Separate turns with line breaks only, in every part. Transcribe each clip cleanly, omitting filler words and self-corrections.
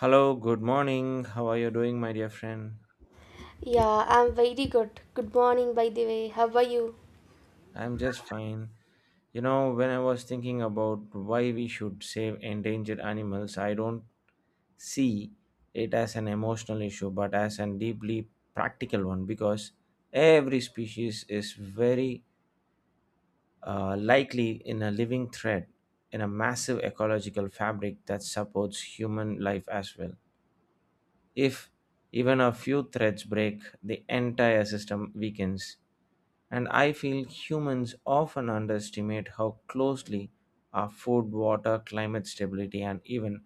Hello, good morning. How are you doing, my dear friend?
Yeah, I'm very good. Good morning, by the way. How are you?
I'm just fine. You know, when I was thinking about why we should save endangered animals, I don't see it as an emotional issue but as a deeply practical one, because every species is very likely in a living thread in a massive ecological fabric that supports human life as well. If even a few threads break, the entire system weakens. And I feel humans often underestimate how closely our food, water, climate stability, and even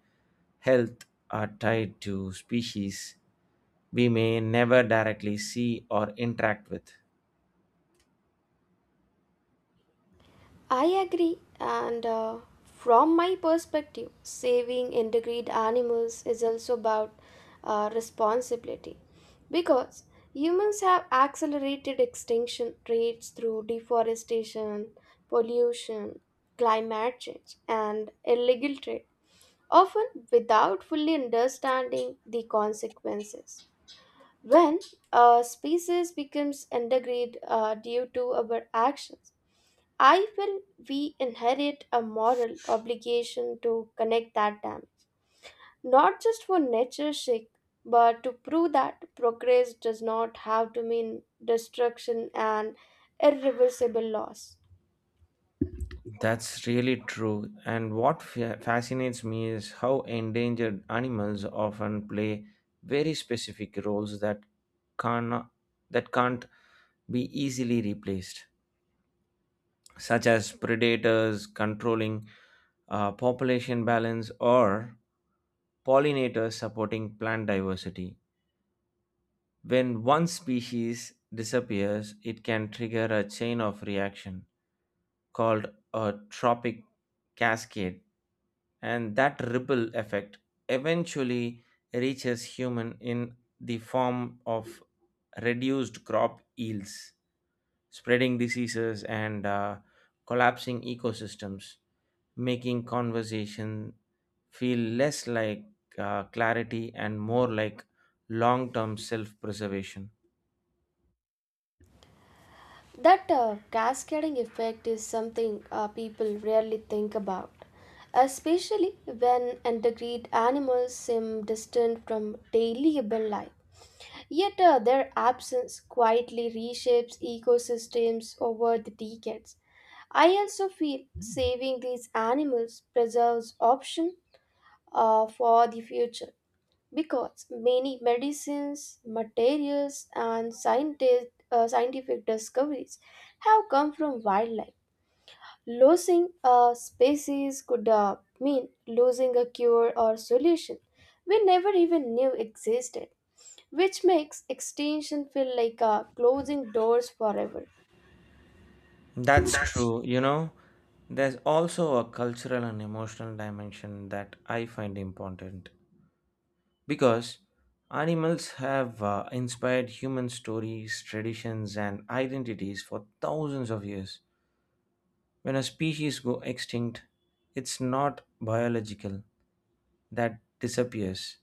health are tied to species we may never directly see or interact with.
I agree. And from my perspective, saving endangered animals is also about responsibility because humans have accelerated extinction rates through deforestation, pollution, climate change, and illegal trade, often without fully understanding the consequences. When a species becomes endangered due to our actions, I feel we inherit a moral obligation to connect that damage, not just for nature's sake, but to prove that progress does not have to mean destruction and irreversible loss.
That's really true. And what fascinates me is how endangered animals often play very specific roles that can that can't be easily replaced, such as predators controlling population balance, or pollinators supporting plant diversity. When one species disappears, it can trigger a chain of reaction called a tropic cascade, and that ripple effect eventually reaches human in the form of reduced crop yields, spreading diseases, and collapsing ecosystems, making conversation feel less like clarity and more like long-term self-preservation.
That cascading effect is something people rarely think about, especially when endangered animals seem distant from daily urban life. Yet their absence quietly reshapes ecosystems over the decades. I also feel saving these animals preserves option for the future because many medicines, materials, and scientific discoveries have come from wildlife. Losing a species could mean losing a cure or solution we never even knew existed, which makes extinction feel like closing doors forever.
That's true. You know, there's also a cultural and emotional dimension that I find important, because animals have inspired human stories, traditions, and identities for thousands of years. When a species go extinct, it's not biological that disappears,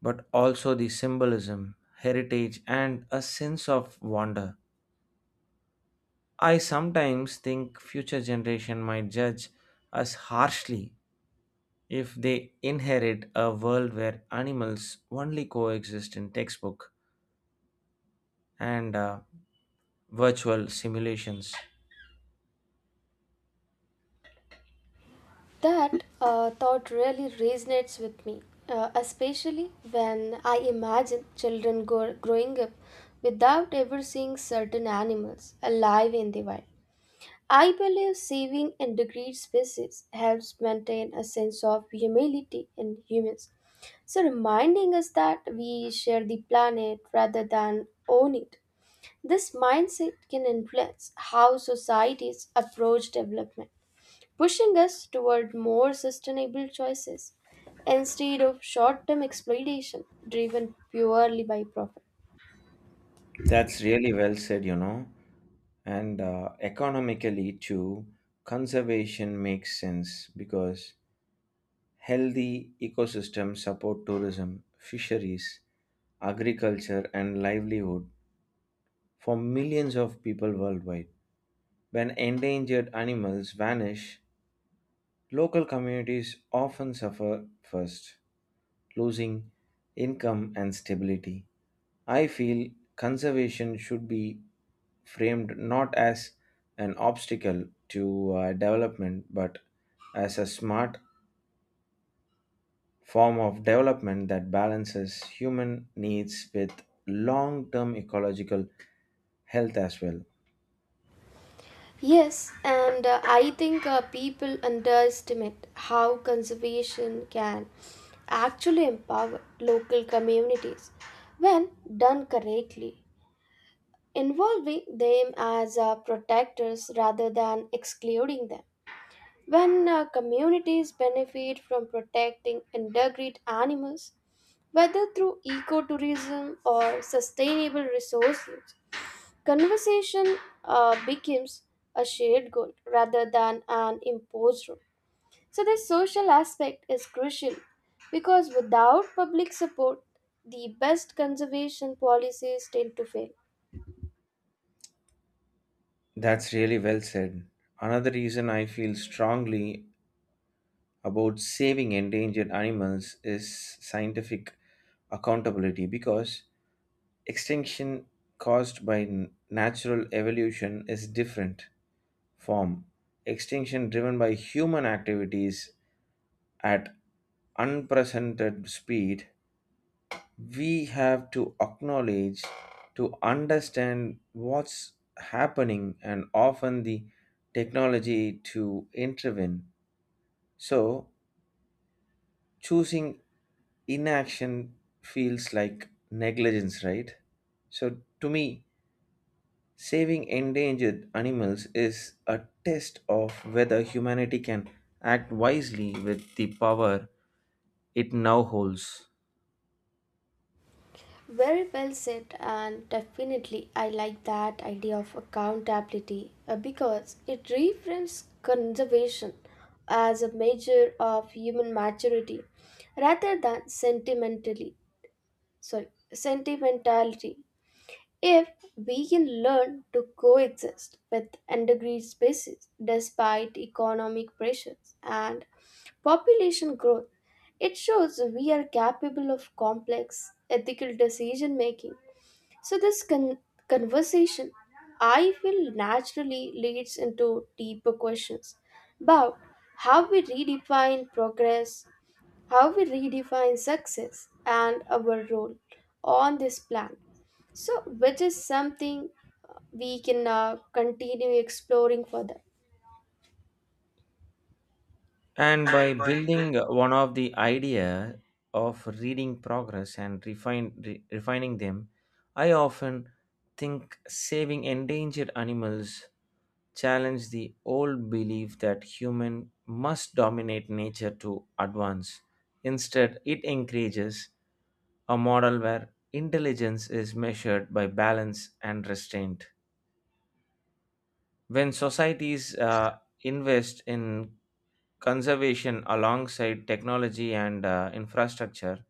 but also the symbolism, heritage, and a sense of wonder. I sometimes think future generation might judge us harshly if they inherit a world where animals only coexist in textbook and virtual simulations.
That thought really resonates with me, especially when I imagine children growing up without ever seeing certain animals alive in the wild. I believe saving endangered species helps maintain a sense of humility in humans. So, reminding us that we share the planet rather than own it. This mindset can influence how societies approach development, pushing us toward more sustainable choices instead of short term exploitation driven purely by profit.
That's really well said, you know. And economically, too, conservation makes sense because healthy ecosystems support tourism, fisheries, agriculture, and livelihood for millions of people worldwide. When endangered animals vanish, local communities often suffer first, losing income and stability. I feel conservation should be framed not as an obstacle to development, but as a smart form of development that balances human needs with long term ecological health as well.
Yes, and I think people underestimate how conservation can actually empower local communities when done correctly, involving them as protectors rather than excluding them. When communities benefit from protecting endangered animals, whether through ecotourism or sustainable resource use, conversation becomes a shared goal rather than an imposed rule. So, this social aspect is crucial because without public support, the best conservation policies tend to fail.
That's really well said. Another reason I feel strongly about saving endangered animals is scientific accountability, because extinction caused by natural evolution is different form. Extinction driven by human activities at unprecedented speed, we have to acknowledge to understand what's happening, and often the technology to intervene. So, choosing inaction feels like negligence, right? So, to me, saving endangered animals is a test of whether humanity can act wisely with the power it now holds.
Very well said, and definitely I like that idea of accountability because it reframes conservation as a measure of human maturity rather than sentimentally sorry sentimentality. If we can learn to coexist with endangered species despite economic pressures and population growth, it shows we are capable of complex ethical decision making so, conversation, I feel, naturally leads into deeper questions about how we redefine progress, how we redefine success, and our role on this planet. So, which is something we can continue exploring further.
And by
And by building.
building one of the idea of reading progress and refine, refining them, I often think saving endangered animals challenge the old belief that human must dominate nature to advance. Instead, it encourages a model where intelligence is measured by balance and restraint. When societies invest in conservation alongside technology and infrastructure,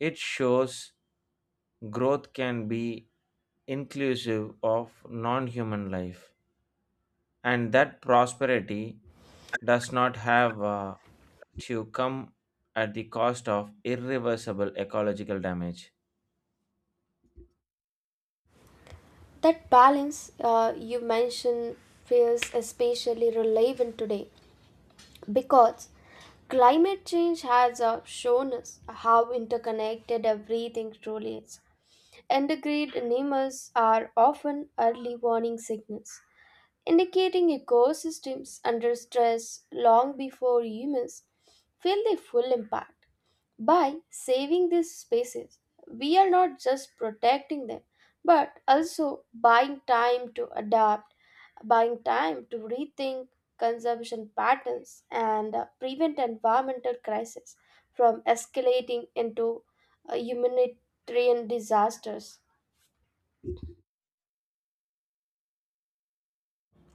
it shows growth can be inclusive of non human life, and that prosperity does not have to come at the cost of irreversible ecological damage.
That balance you mentioned feels especially relevant today because climate change has shown us how interconnected everything truly is. And the great animals are often early warning signals indicating ecosystems under stress long before humans feel the full impact. By saving these spaces, we are not just protecting them, but also buying time to adapt, buying time to rethink conservation patterns, and prevent environmental crisis from escalating into humanitarian disasters.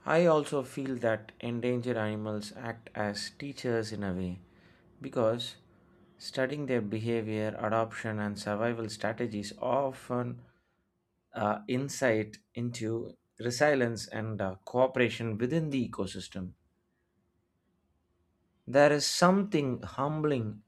I also feel that endangered animals act as teachers in a way, because studying their behavior, adoption, and survival strategies often insight into resilience and cooperation within the ecosystem. There is something humbling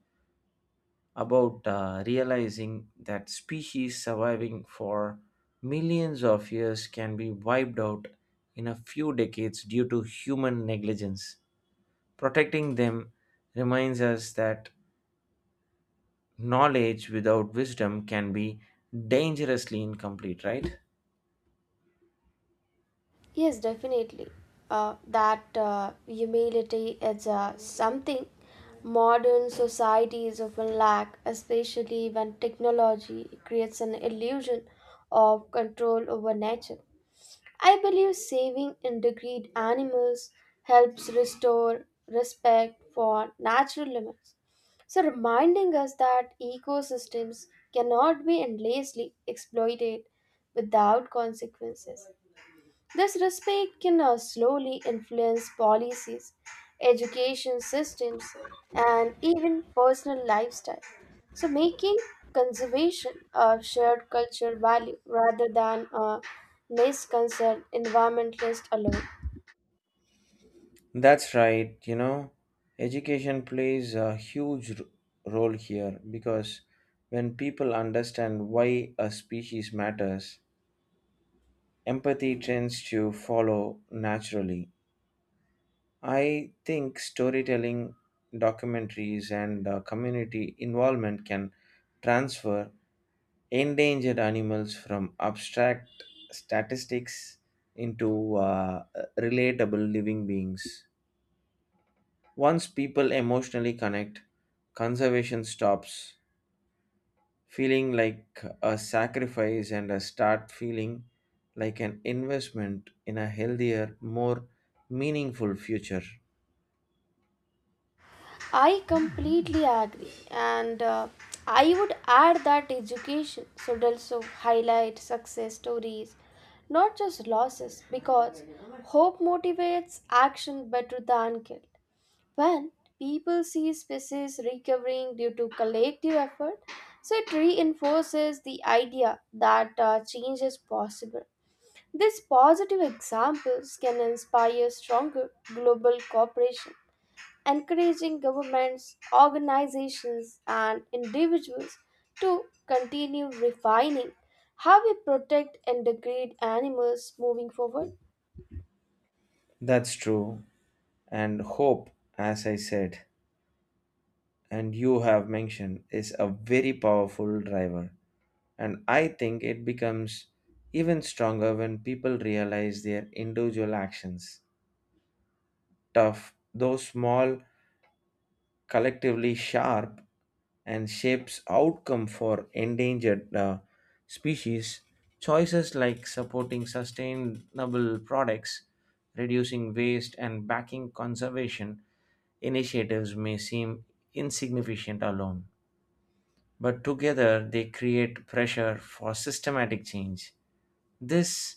about realizing that species surviving for millions of years can be wiped out in a few decades due to human negligence. Protecting them reminds us that knowledge without wisdom can be dangerously incomplete, right?
Yes, definitely. That humility is something modern societies often lack, especially when technology creates an illusion of control over nature. I believe saving endangered animals helps restore respect for natural limits. So, reminding us that ecosystems cannot be endlessly exploited without consequences. This respect can slowly influence policies, education systems, and even personal lifestyle. So, making conservation a shared cultural value rather than a misconcerned environmentalist alone.
That's right, you know, education plays a huge role here, because when people understand why a species matters, empathy tends to follow naturally. I think storytelling, documentaries, and community involvement can transfer endangered animals from abstract statistics into relatable living beings. Once people emotionally connect, conservation stops feeling like a sacrifice and I start feeling like an investment in a healthier, more meaningful future.
I completely agree, and I would add that education should also highlight success stories, not just losses, because hope motivates action better than guilt. When people see species recovering due to collective effort, so it reinforces the idea that change is possible. These positive examples can inspire stronger global cooperation, encouraging governments, organizations, and individuals to continue refining how we protect and degrade animals moving forward.
That's true. And hope, as I said, and you have mentioned, is a very powerful driver. And I think it becomes even stronger when people realize their individual actions. Tough, though small, collectively sharp and shapes outcome for endangered species choices like supporting sustainable products, reducing waste, and backing conservation initiatives may seem insignificant alone, but together they create pressure for systematic change. This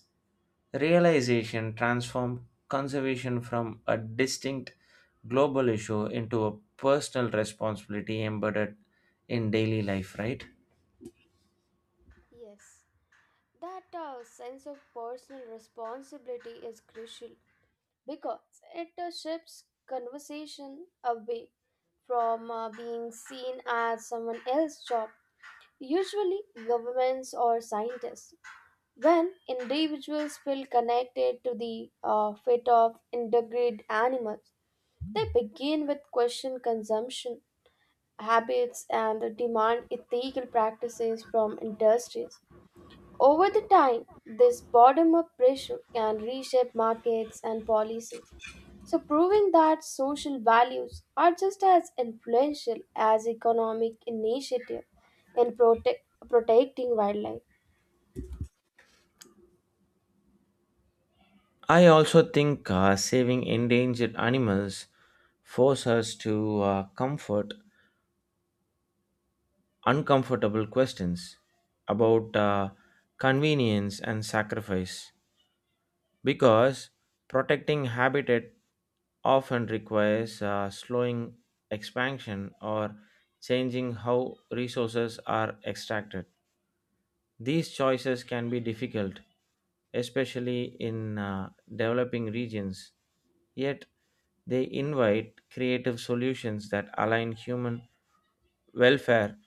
realization transformed conservation from a distinct global issue into a personal responsibility embedded in daily life, right?
Yes, that sense of personal responsibility is crucial because it shifts conversation away from being seen as someone else's job, usually governments or scientists. When individuals feel connected to the fate of endangered animals, they begin with question consumption habits and demand ethical practices from industries. Over the time, this bottom up pressure can reshape markets and policies. So, proving that social values are just as influential as economic initiative in protecting wildlife.
I also think saving endangered animals force us to comfort uncomfortable questions about convenience and sacrifice, because protecting habitat often requires slowing expansion or changing how resources are extracted. These choices can be difficult, especially in developing regions, yet they invite creative solutions that align human welfare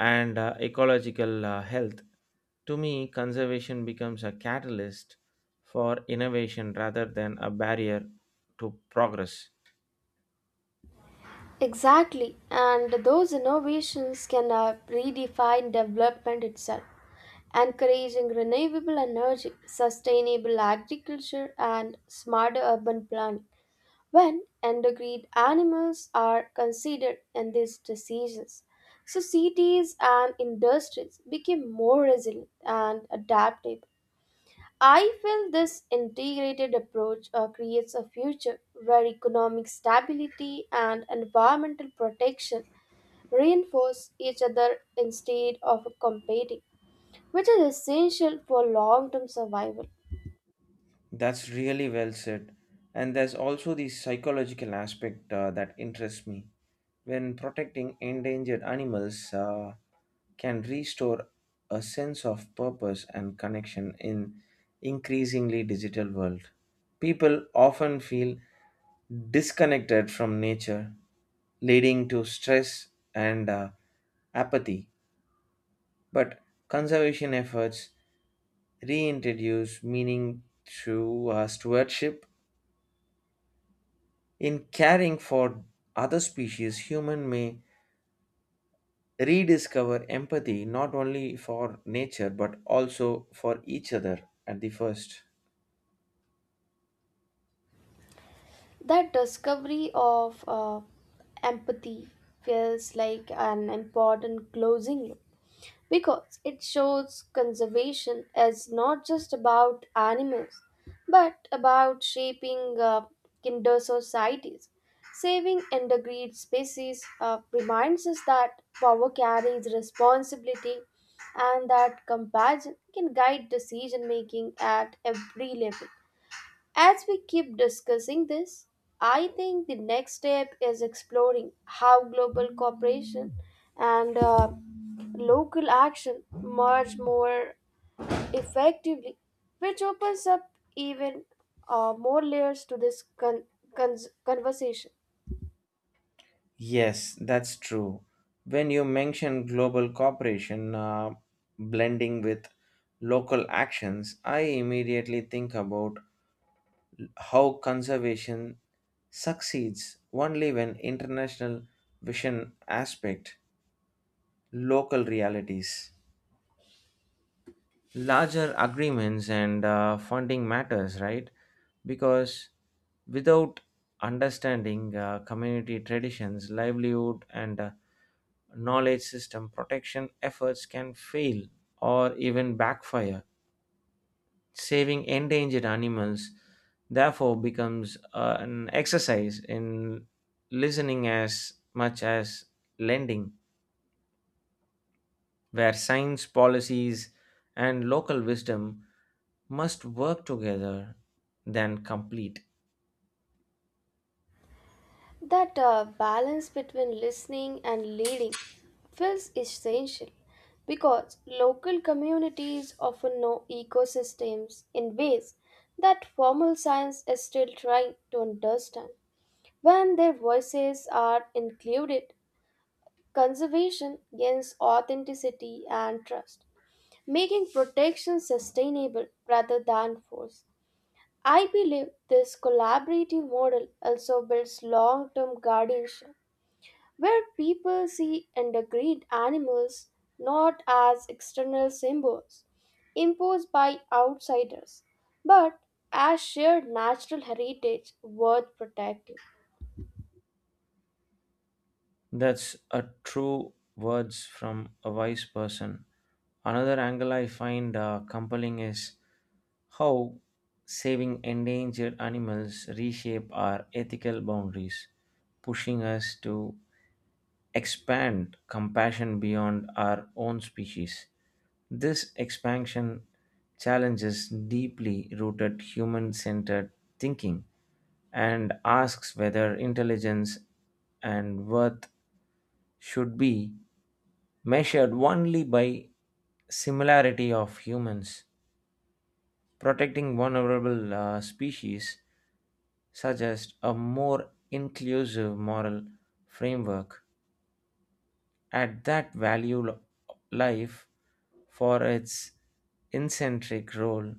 and ecological health. To me, conservation becomes a catalyst for innovation rather than a barrier to progress.
Exactly, and those innovations can redefine development itself, encouraging renewable energy, sustainable agriculture, and smarter urban planning. When endangered animals are considered in these diseases. Societies and industries became more resilient and adaptable. I feel this integrated approach creates a future where economic stability and environmental protection reinforce each other instead of competing, which is essential for long term survival.
That's really well said. And there's also the psychological aspect that interests me. When protecting endangered animals can restore a sense of purpose and connection in increasingly digital world. People often feel disconnected from nature, leading to stress and apathy. But conservation efforts reintroduce meaning through stewardship. In caring for other species, human may rediscover empathy not only for nature but also for each other at the first.
That discovery of empathy feels like an important closing loop because it shows conservation is not just about animals but about shaping kinder societies. Saving endangered species reminds us that power carries responsibility and that compassion can guide decision making at every level. As we keep discussing this, I think the next step is exploring how global cooperation and local action merge more effectively, which opens up even more layers to this conversation.
Yes, that's true. When you mention global cooperation blending with local actions, I immediately think about how conservation succeeds only when international vision aspect local realities, larger agreements and funding matters, right? Because without understanding community traditions, livelihood, and knowledge system, protection efforts can fail or even backfire. Saving endangered animals, therefore, becomes an exercise in listening as much as lending, where science, policies, and local wisdom must work together than complete.
That balance between listening and leading feels essential because local communities often know ecosystems in ways that formal science is still trying to understand. When their voices are included, conservation gains authenticity and trust, making protection sustainable rather than forced. I believe this collaborative model also builds long term guardianship where people see endangered animals not as external symbols imposed by outsiders, but as shared natural heritage worth protecting.
That's a true words from a wise person. Another angle I find compelling is how saving endangered animals reshape our ethical boundaries, pushing us to expand compassion beyond our own species. This expansion challenges deeply rooted human centered thinking, and asks whether intelligence and worth should be measured only by similarity of humans. Protecting vulnerable species suggests a more inclusive moral framework at that value life for its incentric role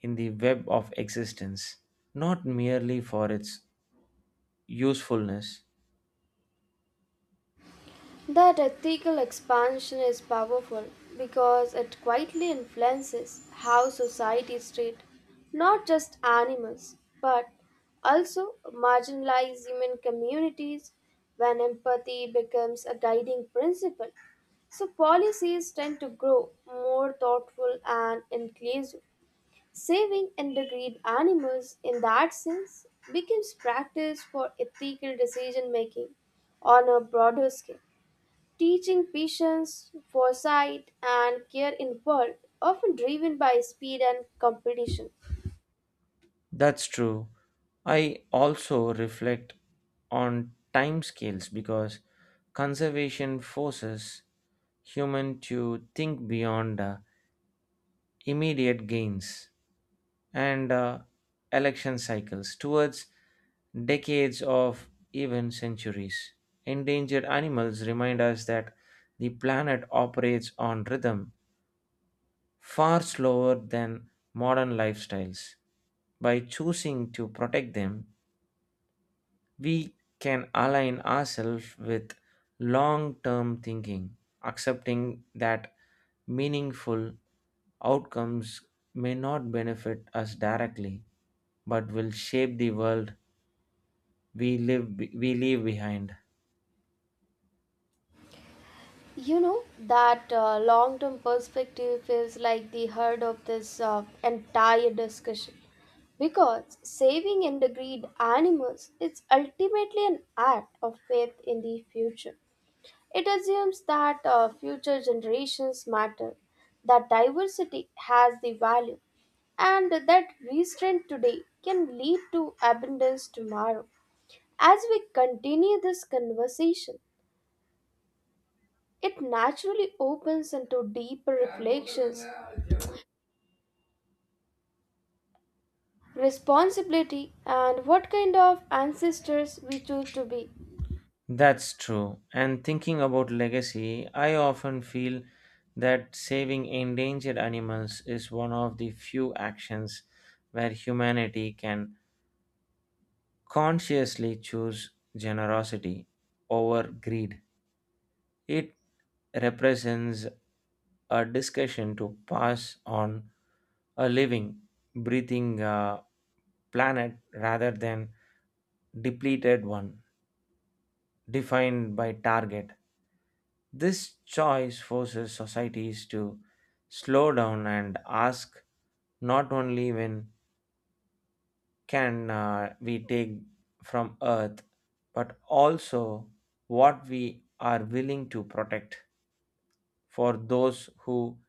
in the web of existence, not merely for its usefulness.
That ethical expansion is powerful because it quietly influences how societies treat not just animals but also marginalized human communities when empathy becomes a guiding principle. So policies tend to grow more thoughtful and inclusive. Saving endangered animals in that sense becomes practice for ethical decision making on a broader scale teaching patience, foresight, and care in world often driven by speed and competition.
That's true. I also reflect on timescales, because conservation forces human to think beyond immediate gains and election cycles towards decades of even centuries. Endangered animals remind us that the planet operates on rhythm far slower than modern lifestyles. By choosing to protect them, we can align ourselves with long term thinking, accepting that meaningful outcomes may not benefit us directly, but will shape the world we live we leave behind.
You know that long-term perspective feels like the heart of this entire discussion because saving endangered animals is ultimately an act of faith in the future. It assumes that future generations matter, that diversity has the value, and that restraint today can lead to abundance tomorrow. As we continue this conversation, it naturally opens into deeper reflections, responsibility, and what kind of ancestors we choose to be.
That's true, and thinking about legacy, I often feel that saving endangered animals is one of the few actions where humanity can consciously choose generosity over greed. It represents a discussion to pass on a living, breathing planet rather than depleted one defined by target. This choice forces societies to slow down and ask not only when can we take from earth, but also what we are willing to protect for those who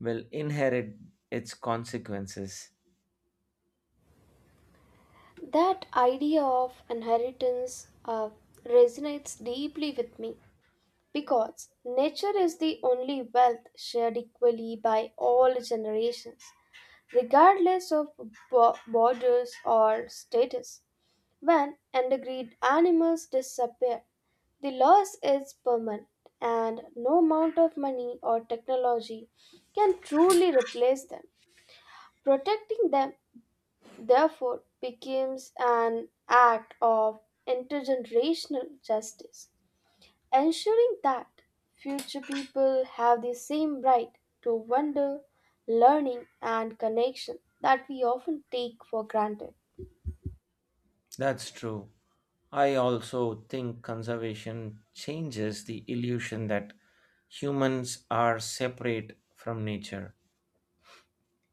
will inherit its consequences.
That idea of inheritance resonates deeply with me. Because nature is the only wealth shared equally by all generations, regardless of borders or status. When endangered animals disappear, the loss is permanent, and no amount of money or technology can truly replace them. Protecting them, therefore, becomes an act of intergenerational justice ensuring that future people have the same right to wonder, learning, and connection that we often take for granted.
That's true. I also think conservation changes the illusion that humans are separate from nature,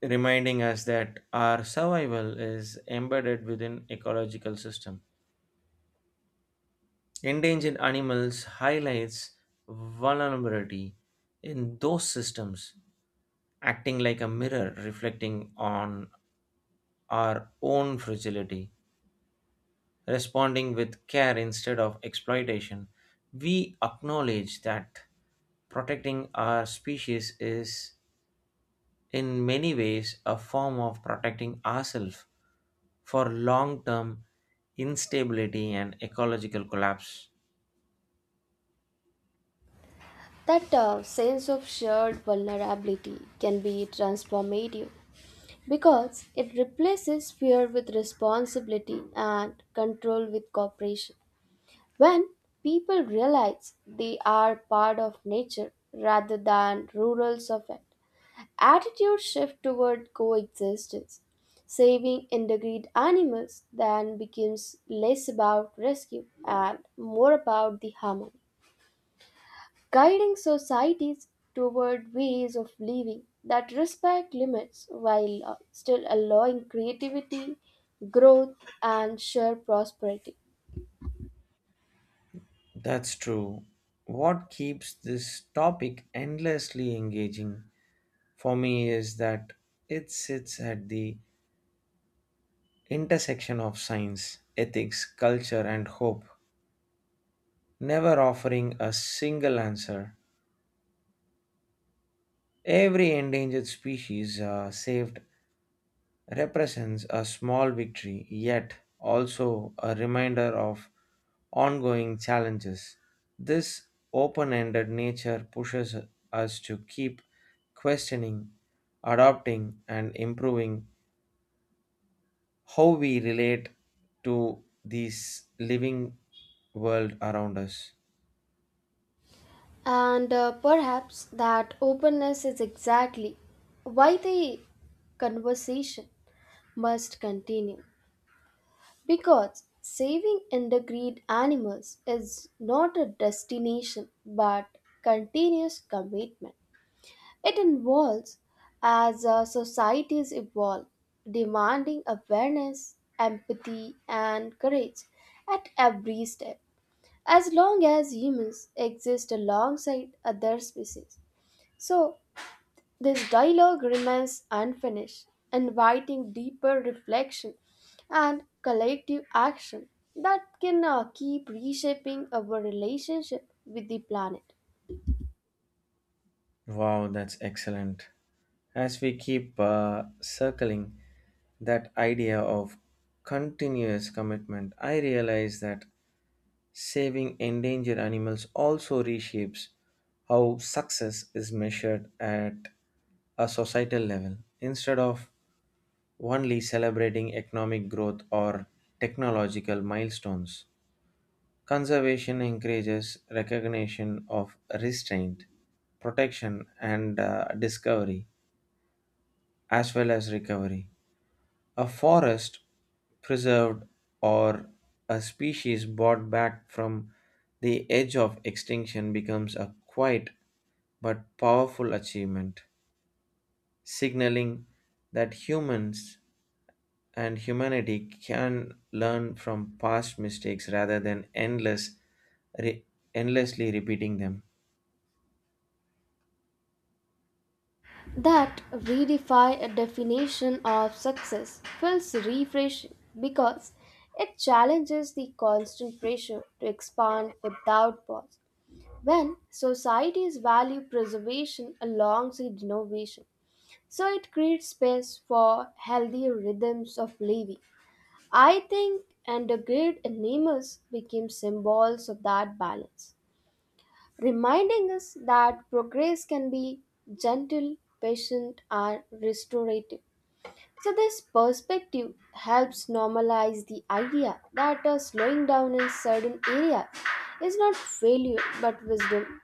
reminding us that our survival is embedded within ecological system. Endangered animals highlights vulnerability in those systems, acting like a mirror reflecting on our own fragility. Responding with care instead of exploitation, we acknowledge that protecting our species is, in many ways, a form of protecting ourselves for long term instability and ecological collapse.
That sense of shared vulnerability can be transformative because it replaces fear with responsibility and control with cooperation. When people realize they are part of nature rather than rural of it, attitudes shift toward coexistence. Saving endangered animals then becomes less about rescue and more about the harmony, guiding societies toward ways of living that respect limits while still allowing creativity, growth, and shared prosperity.
That's true. What keeps this topic endlessly engaging for me is that it sits at the intersection of science, ethics, culture, and hope, never offering a single answer. Every endangered species saved represents a small victory, yet also a reminder of ongoing challenges. This open ended nature pushes us to keep questioning, adopting, and improving how we relate to this living world around us.
And perhaps that openness is exactly why the conversation must continue. Because saving endangered animals is not a destination but continuous commitment. It involves as our societies evolve, demanding awareness, empathy, and courage at every step, as long as humans exist alongside other species. So, this dialogue remains unfinished, inviting deeper reflection and collective action that can keep reshaping our relationship with the planet.
Wow, that's excellent. As we keep circling that idea of continuous commitment, I realize that saving endangered animals also reshapes how success is measured at a societal level. Instead of only celebrating economic growth or technological milestones, conservation encourages recognition of restraint, protection, and discovery, as well as recovery. A forest preserved or a species brought back from the edge of extinction becomes a quiet but powerful achievement, signaling that humans and humanity can learn from past mistakes rather than endless, re- endlessly repeating them.
That redefine a definition of success feels refreshing because it challenges the constant pressure to expand without pause. When societies value preservation alongside innovation, so it creates space for healthy rhythms of living. I think and the great animals became symbols of that balance, reminding us that progress can be gentle, patient, and restorative. So this perspective helps normalize the idea that slowing down in certain areas is not failure but wisdom.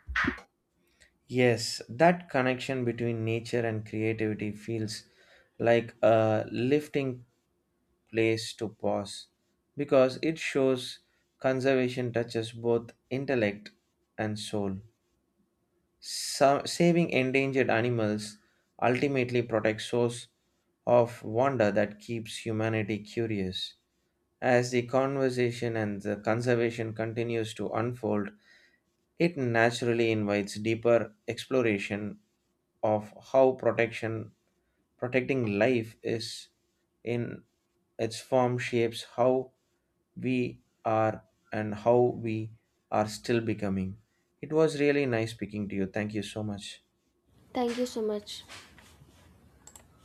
Yes, that connection between nature and creativity feels like a lifting place to pause, because it shows conservation touches both intellect and soul. Saving endangered animals ultimately protects source of wonder that keeps humanity curious. As the conversation and the conservation continues to unfold, it naturally invites deeper exploration of how protection protecting life is in its form shapes how we are and how we are still becoming. It was really nice speaking to you. Thank you so much.
Thank you so much.